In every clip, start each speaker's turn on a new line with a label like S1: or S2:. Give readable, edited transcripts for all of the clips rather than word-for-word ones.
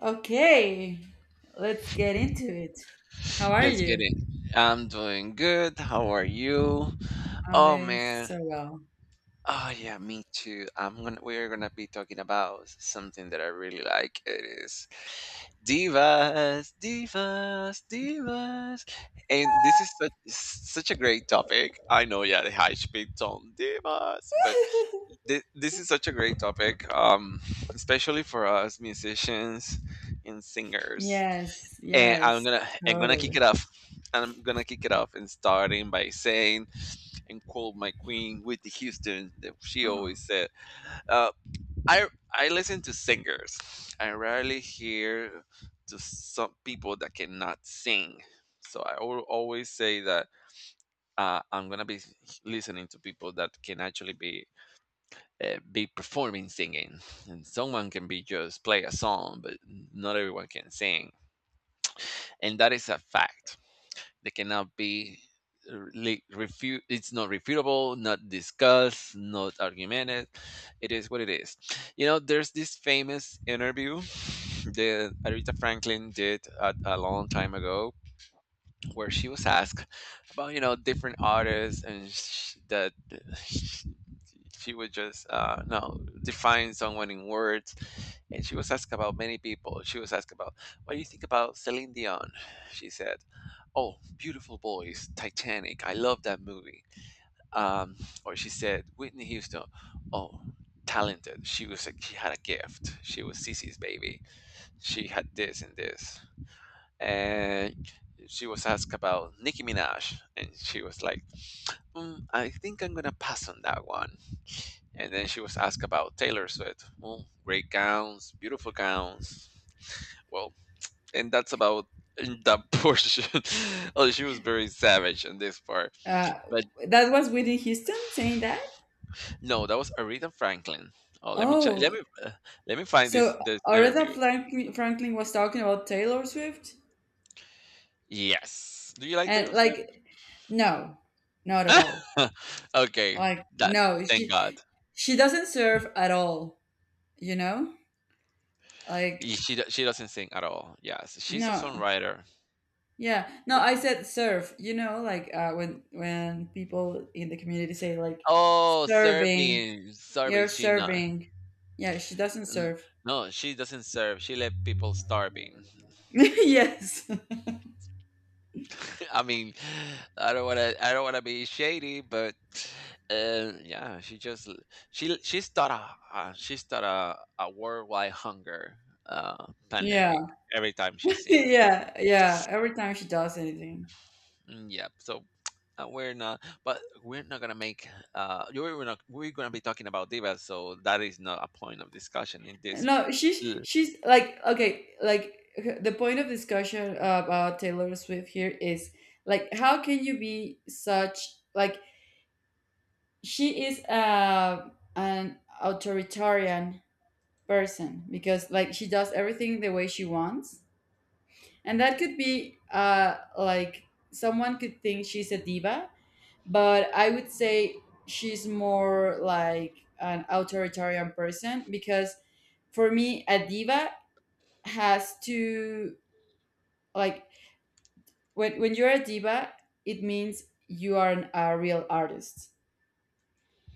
S1: Okay, let's get into it. How are
S2: Let's get
S1: you?
S2: it. I'm doing good. How are you?
S1: I'm
S2: Oh
S1: doing
S2: man.
S1: so well.
S2: Oh yeah, me too. I'm gonna we're gonna be talking about something that I really like. It is divas, divas, divas. And this is such, such a great topic. I know, yeah, the high speed tone divas, but this is such a great topic, especially for us musicians and singers.
S1: Yes,
S2: And I'm
S1: yes,
S2: gonna I'm gonna kick it
S1: totally.
S2: off. I'm gonna kick it off and starting by saying and quote my queen Whitney Houston that she always said, uh, "I listen to singers. I rarely hear to some people that cannot sing. So I always say that I'm gonna be listening to people that can actually be performing singing, and someone can be just play a song, but not everyone can sing, and that is a fact. They cannot be like refute. It's not refutable, not discussed, not argumented. It is what it is. You know, there's this famous interview that Aretha Franklin did a long time ago, where she was asked about you know different artists and that she would just no define someone in words. And she was asked about many people. She was asked about, what do you think about Celine Dion? She said, oh, beautiful voice, Titanic, I love that movie. um, or she said Whitney Houston. Oh, talented. She was she had a gift. She was Cece's baby. She had this and this. And she was asked about Nicki Minaj, and she was like, mm, "I think I'm gonna pass on that one." And then she was asked about Taylor Swift. Well, great gowns, beautiful gowns. Well, and that's about that portion. Oh, she was very savage on this part.
S1: Uh,
S2: But
S1: that was Whitney Houston saying that?
S2: no, that was Aretha Franklin. Oh, let me check.
S1: Oh,
S2: Uh, let me find
S1: so
S2: this
S1: Aretha
S2: interview.
S1: Franklin was talking about Taylor Swift?
S2: Yes. Do you like
S1: And,
S2: Taylor Swift?
S1: like, no, not at all.
S2: Okay.
S1: Like,
S2: That
S1: no,
S2: Thank God.
S1: she doesn't serve at all, you know? Like,
S2: She she doesn't sing at all. Yes, she's a
S1: no.
S2: songwriter.
S1: Yeah, no, I said serve. You know, like, when people in the community say, like,
S2: Oh,
S1: serving,
S2: Serbian, Serbian.
S1: you're
S2: She not.
S1: serving. Yeah, she doesn't
S2: N-
S1: serve.
S2: No, she doesn't serve. She let people starving.
S1: Yes.
S2: I mean, I don't want to be shady, but yeah, she just she she started she started a worldwide hunger pandemic
S1: Yeah.
S2: every time she sings. But
S1: Yeah. Yeah, every time she does anything.
S2: mm, yeah, so we're not gonna make. You we're not. We're gonna be talking about divas, so that is not a point of discussion in this.
S1: No, she's like, okay, like the point of discussion about Taylor Swift here is, like, how can you be such, like, she is an authoritarian person because, like, she does everything the way she wants, and that could be, like, someone could think she's a diva, but I would say she's more like an authoritarian person because for me a diva has to, like, when you're a diva, it means you are a real artist.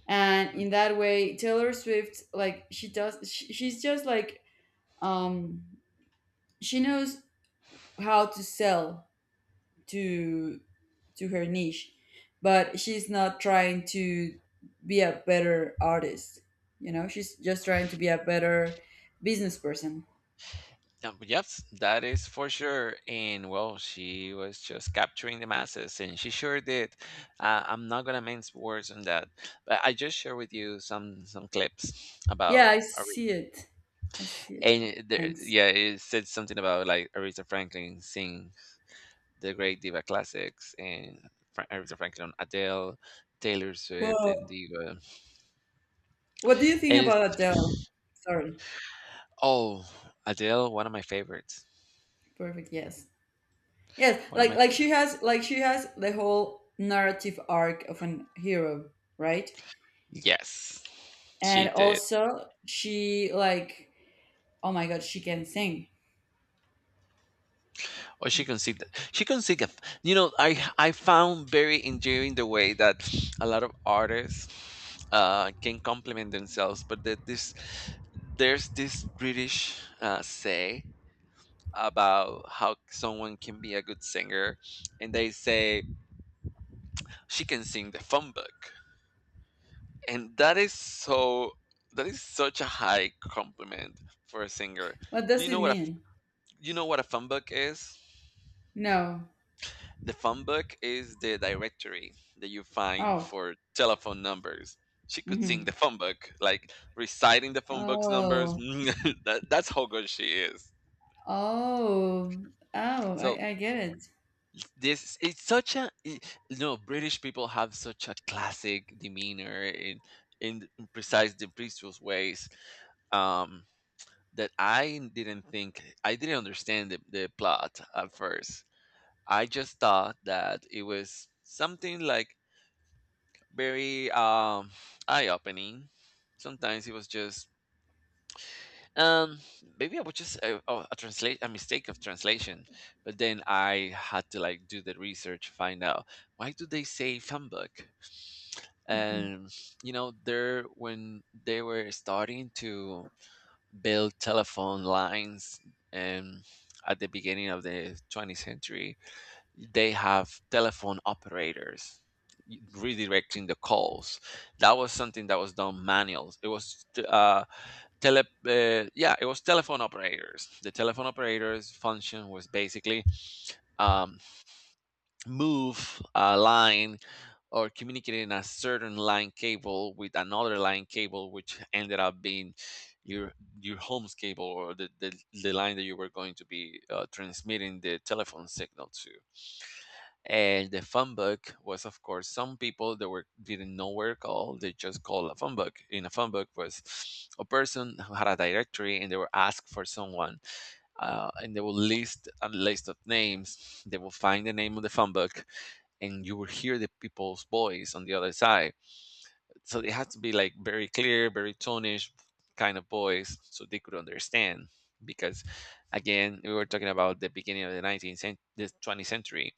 S1: And in that way Taylor Swift, like, she's just like, um she knows how to sell to to her niche, but she's not trying to be a better artist. She's just trying to be a better business person.
S2: Yep, that is for sure. And well, she was just capturing the masses, and she sure did. I'm not gonna mince words on that, but I just share with you some clips about.
S1: Yeah, I
S2: Ari-
S1: see it. I see it.
S2: And there,
S1: Thanks.
S2: yeah, it said something about like Aretha Franklin sing the great diva classics, and Aretha Franklin, Adele, Taylor Swift,
S1: Whoa.
S2: and diva.
S1: What do you think
S2: And
S1: about
S2: it's
S1: Adele? Sorry.
S2: oh, Adele, one of my favorites.
S1: Perfect. Yes. Yes.
S2: One of
S1: Like
S2: my
S1: like she has the whole narrative arc of an hero, right?
S2: yes, she
S1: And
S2: did.
S1: also, she like oh my god, she can sing.
S2: Or she conceived it. She conceived it. You know, I found very endearing the way that a lot of artists can compliment themselves, but that this there's this British say about how someone can be a good singer, and they say she can sing the phone book, and that is so that is such a high compliment for a singer.
S1: What
S2: Do
S1: does
S2: you know
S1: it
S2: what a
S1: mean?
S2: you know what a phone book is?
S1: No.
S2: The phone book is the directory that you find
S1: Oh.
S2: for telephone numbers. She could sing
S1: Mhm.
S2: the phone book, like reciting the phone book's numbers.
S1: Oh.
S2: That, that's how good she is.
S1: Oh. Oh,
S2: So
S1: I get it.
S2: this it's such no, British people have such a classic demeanor in, precise the precise ways, um, that I didn't understand the plot at first. I just thought that it was something like very eye-opening. Sometimes it was just um maybe I was just a translate, a mistake of translation, but then I had to like do the research, find out why do they say humbug.
S1: Mhm.
S2: And you know, there when they were starting to build telephone lines and at the beginning of the 20th century, they have telephone operators redirecting the calls. That was something that was done manuals. It was tele yeah, it was telephone operators. The telephone operators function was basically um move a line or communicating a certain line cable with another line cable, which ended up being your your home's cable or the line that you were going to be transmitting the telephone signal to. And the phone book was, of course, some people that were didn't know where to call. They just called a phone book. In a phone book was a person who had a directory, and they were asked for someone, and they will list a list of names. They will find the name of the phone book, and you will hear the people's voice on the other side. So it had to be like very clear, very tonish kind of voice, so they could understand. Because again, we were talking about the beginning of the the 20th century,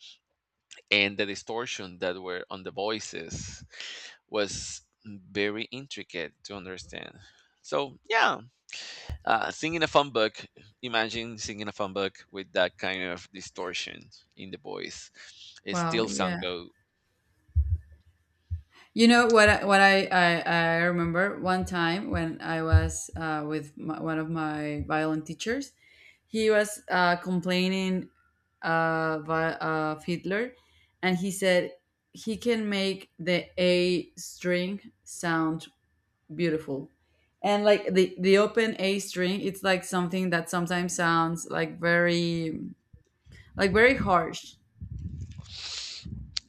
S2: and the distortion that were on the voices was very intricate to understand. So yeah, singing a fun book. Imagine singing a fun book with that kind of distortion in the voice. It
S1: Wow,
S2: still sound
S1: yeah.
S2: go
S1: You know what I remember one time when I was with my, one of my violin teachers. He was complaining, of Hitler, and he said he can make the A string sound beautiful, and like the open A string, it's like something that sometimes sounds like very, like, very harsh.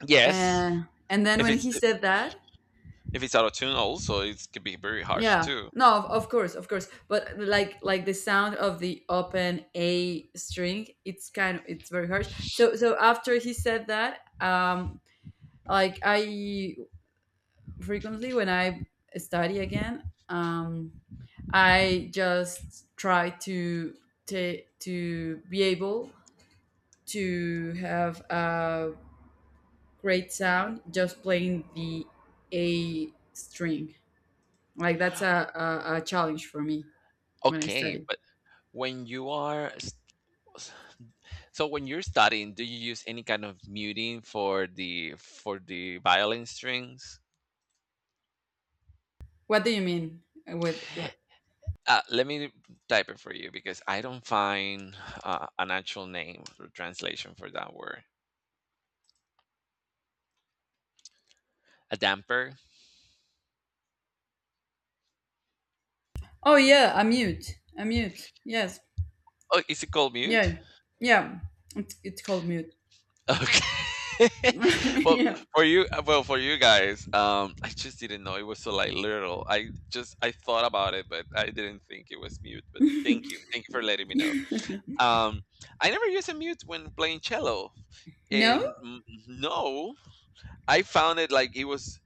S2: yes.
S1: And then
S2: If
S1: when
S2: it's
S1: he said that,
S2: if it's out of tune, also it could be very harsh
S1: yeah,
S2: too.
S1: no, of course, of course, but, like the sound of the open A string, it's kind of, it's very harsh. So after he said that, like, I frequently, when I study again, I just try to to be able to have a great sound just playing the A string. Like that's a challenge for me when I
S2: Okay,
S1: study.
S2: but when you are s- so when you're studying, do you use any kind of muting for the violin strings?
S1: What do you mean with, like?
S2: Let me type it for you because I don't find an actual name or translation for that word. A damper.
S1: Oh yeah, a mute, a mute. Yes,
S2: Oh, is it called
S1: yeah,
S2: mute?
S1: yeah. It's called mute.
S2: Okay. Well,
S1: Yeah.
S2: for you, well, for you guys, I just didn't know it was so like literal. I just I thought about it, but I didn't think it was mute. But thank you for letting me know. Um, I never use a mute when playing cello,
S1: No.
S2: and mm, no, I found it like it was.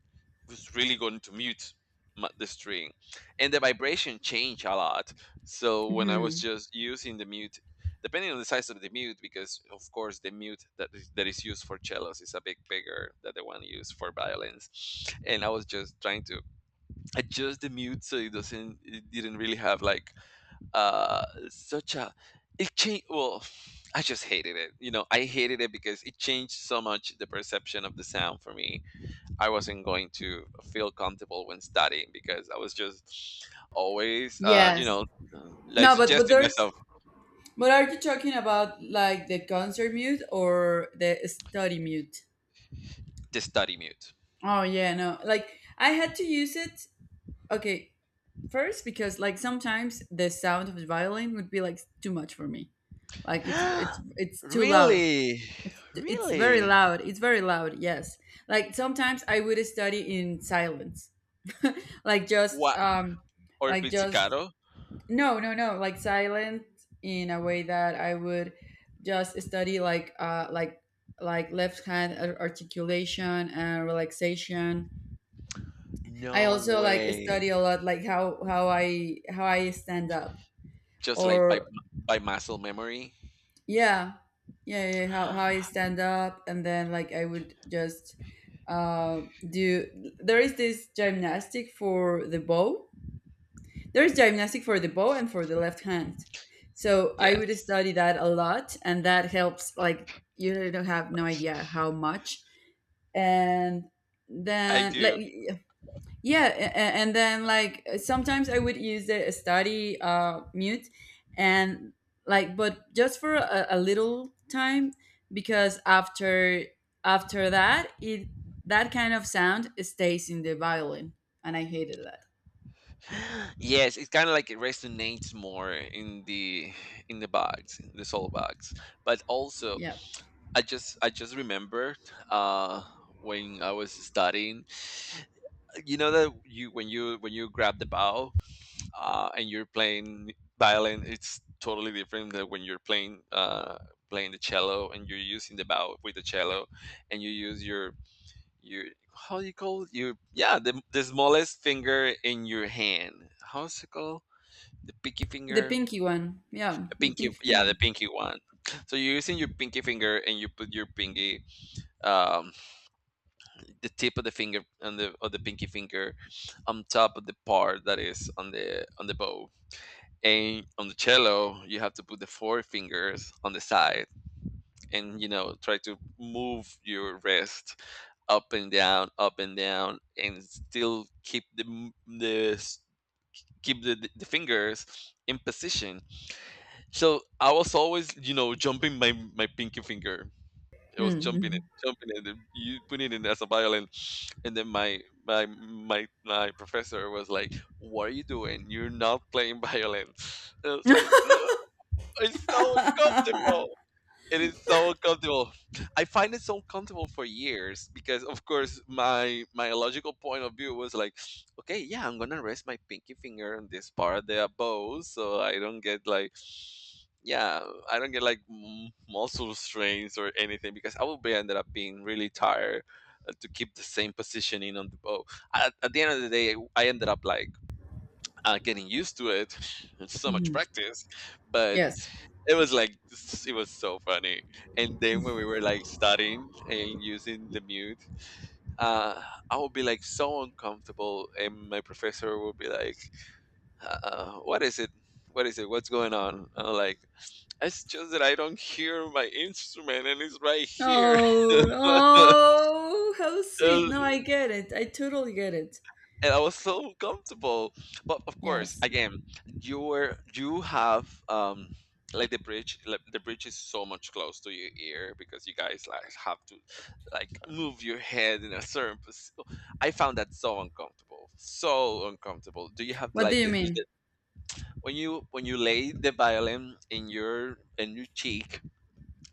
S2: Was really going to mute my, the string, and the vibration changed a lot so when I was
S1: Hmm.
S2: just using the mute, depending on the size of the mute, because of course the mute that is used for cellos is a bit bigger than the one used for violins. And I was just trying to adjust the mute so it doesn't, it didn't really have like such a it changed. Well, I just hated it. You know, I hated it because it changed so much the perception of the sound for me. I wasn't going to feel comfortable when studying because I was just always,
S1: Yes.
S2: like
S1: No, but but
S2: suggesting
S1: there's
S2: myself
S1: But are you talking about like the concert mute or the study mute?
S2: to study mute.
S1: Oh yeah, no. Like I had to use it. Okay, first because like sometimes the sound of the violin would be like too much for me. Like it's it's it's too loud.
S2: Really?
S1: It's very
S2: Really?
S1: loud. It's very loud. Yes. Like sometimes I would study in silence. like just
S2: What?
S1: um
S2: Or
S1: like just
S2: pizzicato?
S1: No, no, no. Like silent in a way that I would just study like like left hand articulation and relaxation. I
S2: No
S1: also like
S2: way.
S1: study a lot like how I stand up,
S2: Just like
S1: or
S2: by muscle memory.
S1: yeah. Yeah, yeah, yeah, how I stand up, and then like I would just uh do there is this gymnastic for the bow. There's gymnastic for the bow and for the left hand. So I would
S2: Yes,
S1: study that a lot, and that helps. Like you don't have no idea how much. And
S2: I
S1: then like,
S2: do.
S1: yeah, and then like sometimes I would use the study mute, and like but just for a little time because after that it that kind of sound stays in the violin, and I hated that.
S2: Yes, it's kind of like it resonates more in the box, in the soul box. But also,
S1: Yeah.
S2: I just remembered uh, when I was studying. You know that you when you when you grab the bow and you're playing violin, it's totally different than when you're playing playing the cello and you're using the bow with the cello, and you use your how do you call it? Your yeah the smallest finger in your hand. How's it called? The pinky
S1: The
S2: finger,
S1: pinky one. Yeah, the
S2: pinky
S1: pinky
S2: yeah the
S1: finger.
S2: pinky one. So you're using your pinky finger and you put your pinky, um, the tip of the finger and the of the pinky finger on top of the part that is on the bow. And on the cello, you have to put the four fingers on the side, and you know, try to move your wrist up and down, and still keep the keep the fingers in position. So I was always, you know, jumping my my pinky finger. It was
S1: Mm-hmm.
S2: jumping it, and you put it in as a violin. And then my my my professor was like, "What are you doing? You're not playing violin." And I was like, "Ugh, it's so uncomfortable. It is so uncomfortable." I find it so uncomfortable for years because, of course, my logical point of view was like, okay, yeah, I'm gonna rest my pinky finger on this part of the bow so I don't get like, yeah, I don't get like muscle strains or anything, because I would be ended up being really tired to keep the same positioning on the bow. At the end of the day, I ended up like getting used to it. It's so much
S1: Hmm.
S2: practice, but
S1: Yes.
S2: it was like it was so funny. And then when we were like studying and using the mute, uh, I would be like so uncomfortable, and my professor would be like, "What is it? What is it? What's going on?" I'm like, it's just that I don't hear my instrument and it's right here.
S1: Oh,
S2: And
S1: oh, how sweet. No, I get it. I totally get it.
S2: I was so comfortable. But of course,
S1: Yes.
S2: again, you have like the bridge is so much close to your ear because you guys like have to like move your head in a certain position. I found that so uncomfortable. So uncomfortable. Do you have
S1: What do
S2: like
S1: you
S2: the
S1: mean?
S2: when you lay the violin in your cheek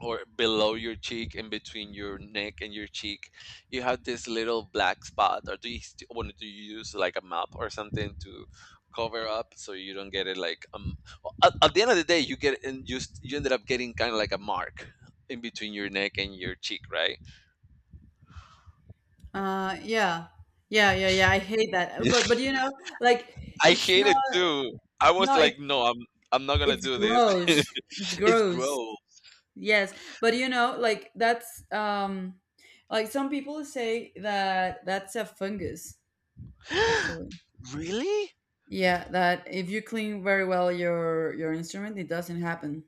S2: or below your cheek, in between your neck and your cheek, you have this little black spot, or do you want to use like a map or something to cover up so you don't get it like well, at the end of the day you get, and you ended up getting kind of like a mark in between your neck and your cheek, right?
S1: Yeah. Yeah, yeah, yeah. I hate that. But you know, like
S2: I
S1: it's
S2: hate
S1: not,
S2: it too. I was
S1: no, it's
S2: like, no, I'm not gonna
S1: it's
S2: do this.
S1: gross. It's
S2: It's
S1: gross.
S2: gross.
S1: Yes. But you know, like that's, like some people say that that's a fungus actually.
S2: Really?
S1: Yeah, that if you clean very well your instrument, it doesn't happen.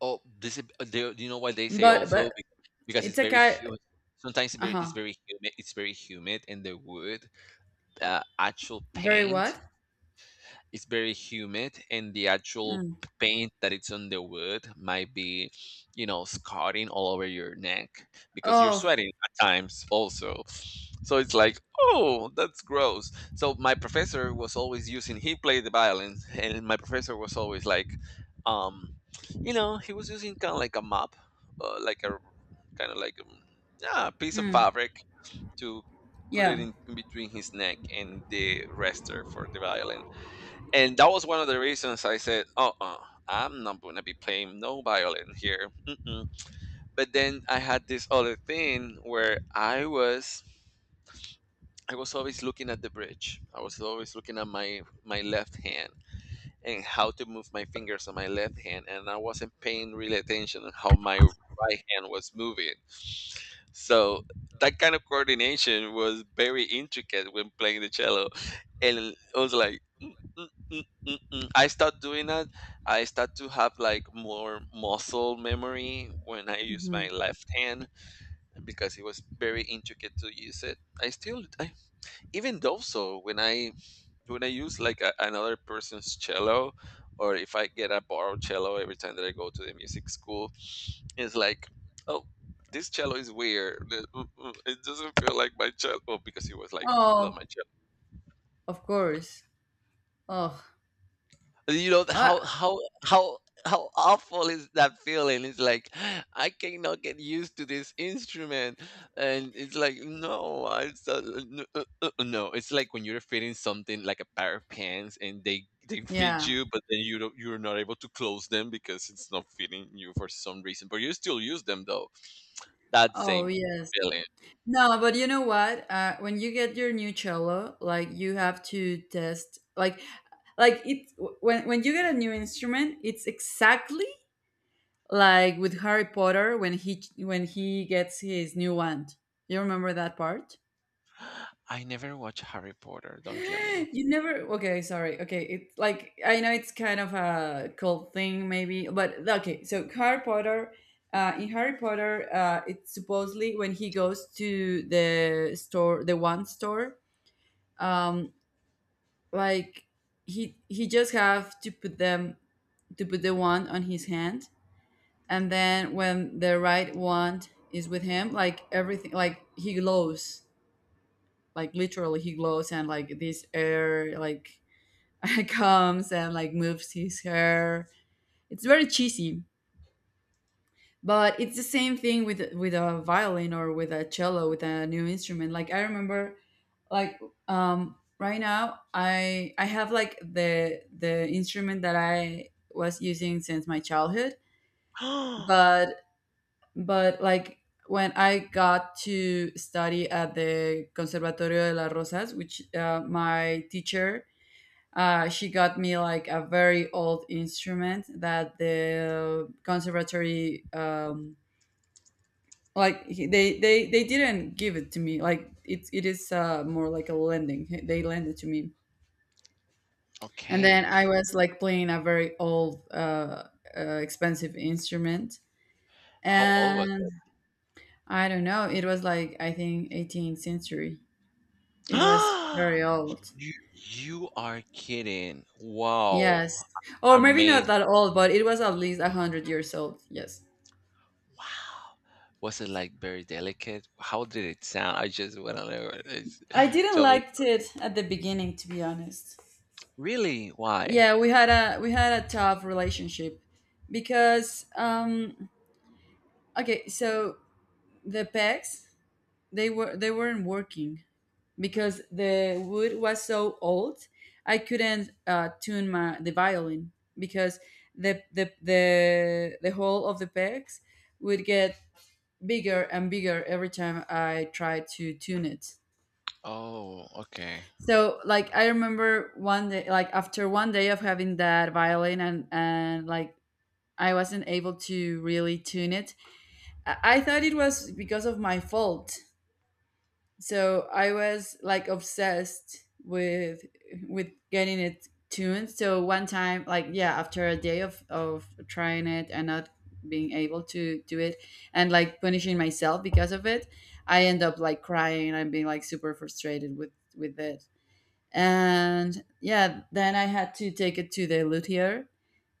S2: Oh, this is, they, you know why they say
S1: But
S2: also
S1: but
S2: Because it's
S1: it's a
S2: very
S1: kind,
S2: humid. Sometimes
S1: uh
S2: it's
S1: huh.
S2: very humid. It's very humid, and the wood, the actual
S1: Very
S2: paint,
S1: what?
S2: it's very humid, and the actual
S1: Mm.
S2: paint that it's on the wood might be, you know, scarring all over your neck because you're
S1: Oh,
S2: sweating at times also. So it's like, oh, that's gross. So my professor was always using, he played the violin, and my professor was always like, um you know, he was using kind of like a mop, like a kind of like a, yeah, a piece of
S1: mm,
S2: fabric to put it
S1: yeah.
S2: in between his neck and the rester for the violin. And that was one of the reasons I said, "Uh-uh, I'm not gonna be playing no violin here." Mm-mm. But then I had this other thing where I was always looking at the bridge. I was always looking at my left hand and how to move my fingers on my left hand, and I wasn't paying real attention on how my right hand was moving. So that kind of coordination was very intricate when playing the cello. And I was like, "Mm, mm, mm, mm, mm." I start doing that. I start to have like more muscle memory when I use
S1: Hmm.
S2: my left hand, because it was very intricate to use it. Even though, when I use like another person's cello, or if I get a borrowed cello every time that I go to the music school, it's like, oh, this cello is weird. It doesn't feel like my cello, because it was like not my
S1: Oh,
S2: cello.
S1: of course. Oh,
S2: You know
S1: uh,
S2: how how awful is that feeling. It's like, I cannot get used to this instrument. And it's like, no, no, it's like when you're fitting something like a pair of pants and they fit
S1: yeah.
S2: you, but then you're not able to close them because it's not fitting you for some reason, but you still use them though. That
S1: Oh,
S2: same
S1: yes.
S2: feeling.
S1: No, but you know what? When you get your new cello, like you have to test, like it when you get a new instrument, it's exactly like with Harry Potter when he gets his new wand. You remember that part?
S2: I never watched Harry Potter, don't kill me.
S1: You never. Okay, sorry. Okay, it's like I know it's kind of a cult thing, maybe, but okay. So Harry Potter, in Harry Potter, it's supposedly when he goes to the store, the wand store, um, like he just have to put them to put the wand on his hand, and then when the right one is with him, like everything, like he glows, like literally he glows, and like this air, like, comes and like moves his hair. It's very cheesy, but it's the same thing with a violin or with a cello with a new instrument. Like I remember, like, right now I have like the instrument that I was using since my childhood. But But like when I got to study at the Conservatorio de las Rosas, which my teacher, she got me like a very old instrument, that the conservatory, like they didn't give it to me. Like it is, more like a lending. They lend it to me. And then
S2: Okay.
S1: I was like playing a very old, expensive instrument.
S2: How old was
S1: And I don't know. It was like I think 18th century. It was
S2: it?
S1: very old.
S2: You you are kidding. Wow.
S1: Yes, or maybe
S2: Amazing.
S1: not that old, but it was at least 100 years old. Yes.
S2: Wow. Was it like very delicate? How did it sound? I just want to know. It's-
S1: I didn't
S2: Tell me.
S1: like it at the beginning, to be honest.
S2: Really? Why?
S1: Yeah, we had a tough relationship because, okay, so the pegs, they weren't working because the wood was so old. I couldn't, tune my the violin because the hole of the pegs would get bigger and bigger every time I tried to tune it.
S2: Oh, okay.
S1: So like I remember one day, like after one day of having that violin, and like I wasn't able to really tune it. I thought it was because of my fault. So I was like obsessed with getting it tuned. So one time, like, yeah, after a day of trying it and not being able to do it, and like punishing myself because of it, I end up like crying, and being like super frustrated with it. And yeah, then I had to take it to the luthier,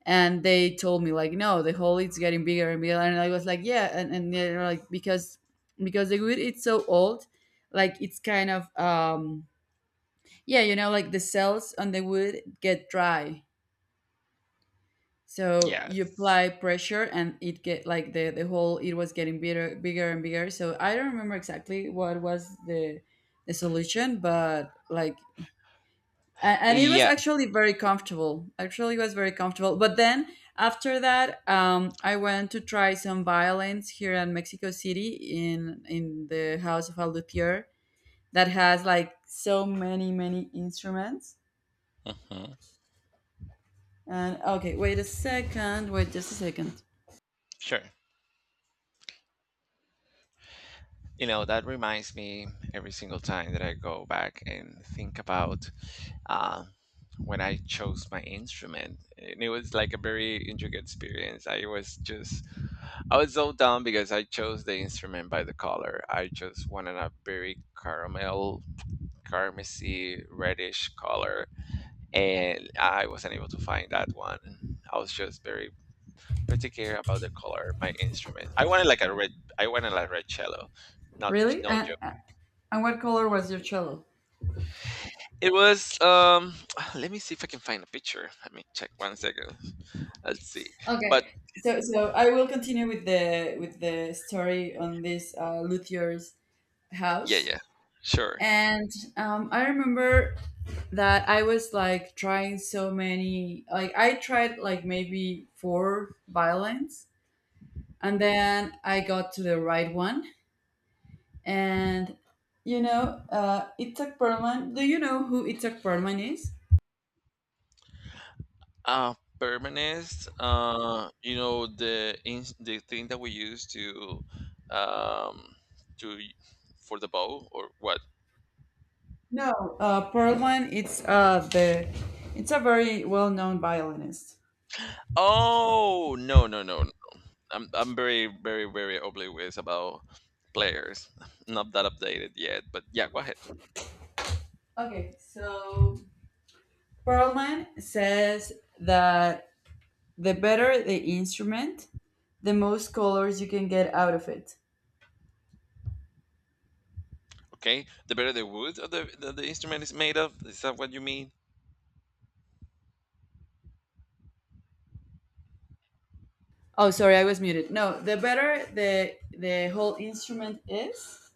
S1: and they told me like, no, the hole is getting bigger and bigger, and I was like, yeah. And they were like, because the wood, it's so old, like it's kind of, yeah, like the cells on the wood get dry, so you
S2: Yes.
S1: apply pressure, and it get like the hole, it was getting bigger, bigger, and bigger. So I don't remember exactly what was the solution, but like, and it was
S2: Yeah.
S1: actually very comfortable, actually it was very comfortable, but then after that, I went to try some violins here in Mexico City, in the house of a luthier that has like so many, many instruments.
S2: Mhm.
S1: And okay, wait a second, wait just a second.
S2: Sure. You know, that reminds me, every single time that I go back and think about, uh, when I chose my instrument. And it was like a very intricate experience. I was so dumb because I chose the instrument by the color. I just wanted a very caramel, carmesy, reddish color, and I wasn't able to find that one. I was just very particular about the color of my instrument. I wanted like a red. I wanted like red cello. Not,
S1: Really?
S2: no
S1: and,
S2: joke.
S1: uh, and what color was your cello?
S2: It was Let me see if I can find a picture. Let me check one second. Let's see. But
S1: Okay, so I will continue with the story on this, luthier's
S2: yeah,
S1: house.
S2: yeah, sure.
S1: And, I remember that I was like trying so many, like I tried like maybe four violins, and then I got to the right one. And you know, Itzhak Perlman. Do you know who Itzhak Perlman is?
S2: Permanence, you know, the in, the thing that we use um to for the bow or what?
S1: No, Perlman. It's a very well-known violinist.
S2: Oh, no, no, no, no. I'm very very very oblivious about players. Not that updated yet, but yeah, go ahead.
S1: Okay, so Perlman says that the better the instrument, the most colors you can get out of it.
S2: Okay. The better the wood of the instrument is made of, is that what you mean?
S1: Oh, sorry, I was muted. No, the better the whole instrument is,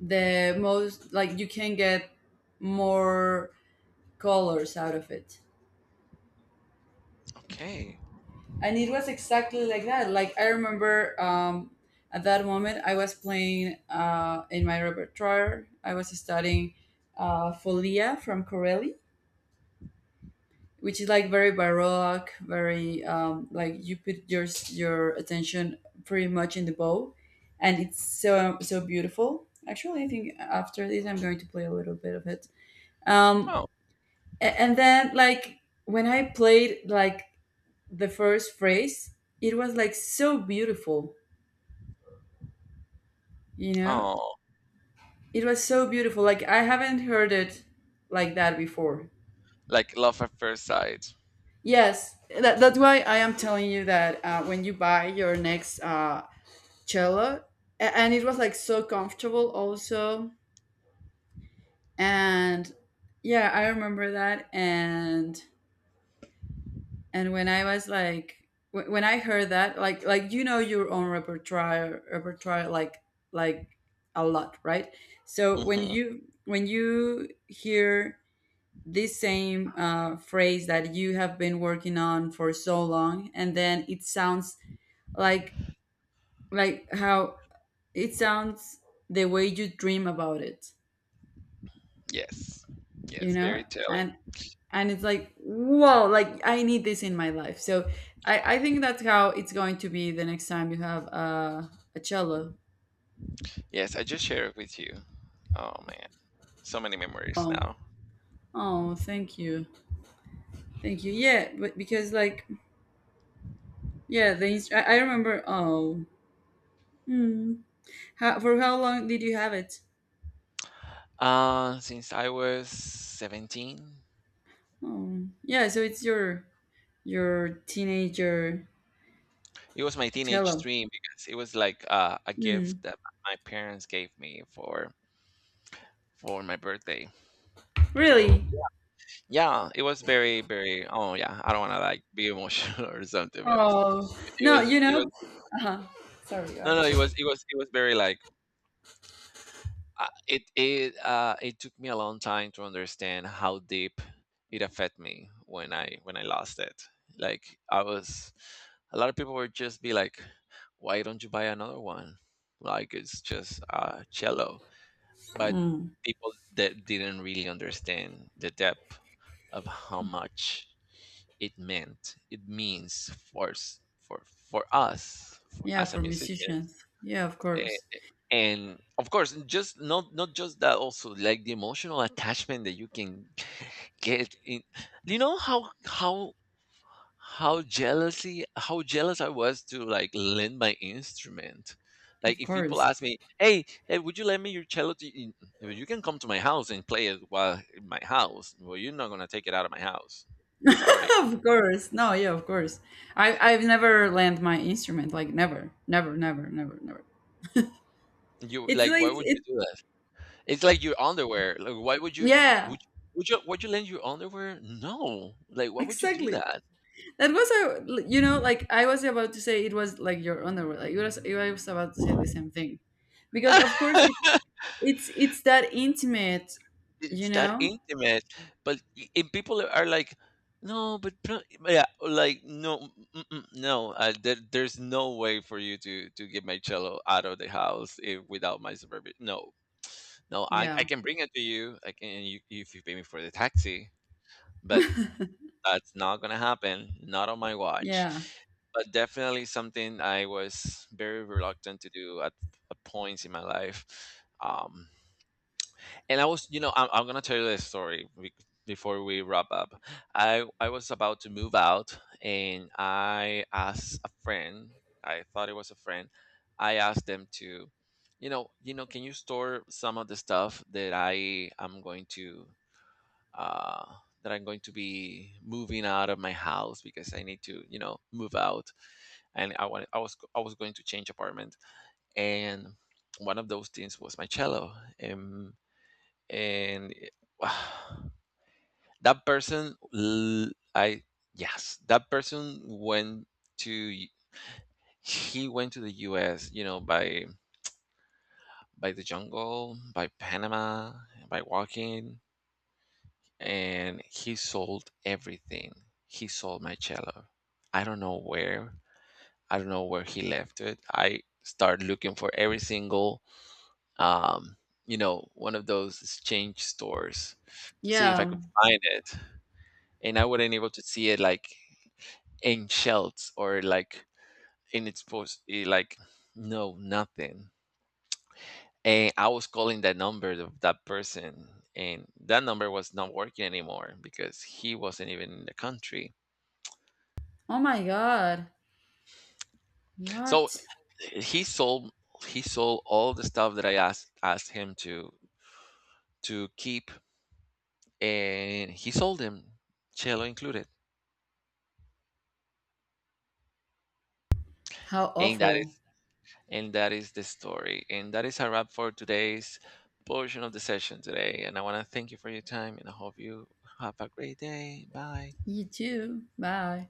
S1: the most like you can get more colors out of it.
S2: Okay.
S1: And it was exactly like that. Like I remember, at that moment I was playing, in my repertoire. I was studying, Folia from Corelli, which is like very baroque, very, like you put your attention pretty much in the bow, and it's so, so beautiful. Actually, I think after this, I'm going to play a little bit of it. Um,
S2: Oh.
S1: and then like when I played like the first phrase, it was like so beautiful. You know,
S2: Oh,
S1: it was so beautiful. Like I haven't heard it like that before.
S2: like love at first sight.
S1: Yes, that's why I am telling you that, when you buy your next, cello. And it was like so comfortable also. And yeah, I remember that. And when I was like, when I heard that, like you know your own repertoire, like a lot, right? So when
S2: Mhm.
S1: you when you hear this same, phrase that you have been working on for so long, and then it sounds like like how it sounds, the way you dream about it,
S2: Yes.
S1: you
S2: Yes,
S1: know?
S2: very telling.
S1: And and it's like, whoa, like I need this in my life. So I think that's how it's going to be the next time you have, a cello.
S2: Yes, I just shared it with you. Oh man, so many memories
S1: Oh,
S2: now.
S1: oh, thank you, thank you. Yeah, but because like, yeah, I remember. Oh. Hmm. For how long did you have it?
S2: Since I was 17,
S1: Oh yeah, so it's your teenager
S2: it was my teenage
S1: cello.
S2: dream because it was like a gift
S1: Hmm.
S2: that my parents gave me for my birthday. So
S1: Really?
S2: yeah, it was very very. Oh yeah, I don't want to like be emotional or something, but
S1: Oh no, you
S2: it was
S1: know. Uh-huh. Sorry, go
S2: no no
S1: ahead.
S2: it was it was very like, it took me a long time to understand how deep it affected me when I lost it. Like I was, a lot of people would just be like, "Why don't you buy another one?" Like it's just cello. But
S1: Hmm.
S2: people that didn't really understand the depth of how much it meant, it means for for us for,
S1: Yeah,
S2: as a
S1: for
S2: musician.
S1: musicians. Yeah, of course.
S2: And of course, just not, not just that, also like the emotional attachment that you can get in. You know how jealousy, how jealous I was to like lend my instrument. Like,
S1: Of
S2: if people
S1: course.
S2: ask me, hey, would you lend me your cello to, you can come to my house and play it while in my house? Well, you're not gonna take it out of my house, sorry.
S1: Of course. No, yeah, of course. I've never lent my instrument, like never. Never, never, never, never.
S2: You
S1: It's
S2: like,
S1: like
S2: why would you
S1: it.
S2: do that? It's like your underwear. Like, why would you
S1: Yeah,
S2: would you- would you lend your underwear? No. Like, why would you do
S1: exactly.
S2: that?
S1: That was a, like I was about to say it was like your underwear. Like it was I was about to say the same thing. Because of course, it, it's it's that intimate, you
S2: It's that
S1: know?
S2: intimate. But and people are like, no, but yeah, like no, mm, mm, no. There's no way for you to get my cello out of the house, eh, without my supervision. No, no, I
S1: Yeah.
S2: can bring it to you. I can, you, if you pay me for the taxi. But that's not gonna happen, not on my watch.
S1: Yeah.
S2: But definitely something I was very reluctant to do at points in my life. Um, and I was, you know, I'm gonna tell you this story before we wrap up. I was about to move out, and I asked a friend. I thought it was a friend. I asked them to, you know, can you store some of the stuff that I am going to uh, that I'm going to be moving out of my house because I need to, you know, move out, and I was going to change apartment, and one of those things was my cello, and and it- that person, l- I yes, that person went to, y- he went to the U.S., you know, by the jungle, by Panama, by walking, and he sold everything. He sold my cello. I don't know where. I don't know where he left it. I started looking for every single, um, you know, one of those exchange stores to see if I
S1: Yeah.
S2: could find it, and I wasn't able to see it like in shelves or like in its post, eh, like no, nothing. And I was calling that number of that person, and that number was not working anymore because he wasn't even in the country.
S1: Oh my god.
S2: So
S1: What?
S2: he sold, he sold all the stuff that I asked asked him to keep, and he sold them, cello included.
S1: How
S2: And that
S1: awful.
S2: is and that is the story. And that is a wrap for today's portion of the session today. And I want to thank you for your time, and I hope you have a great day. Bye.
S1: You too. Bye.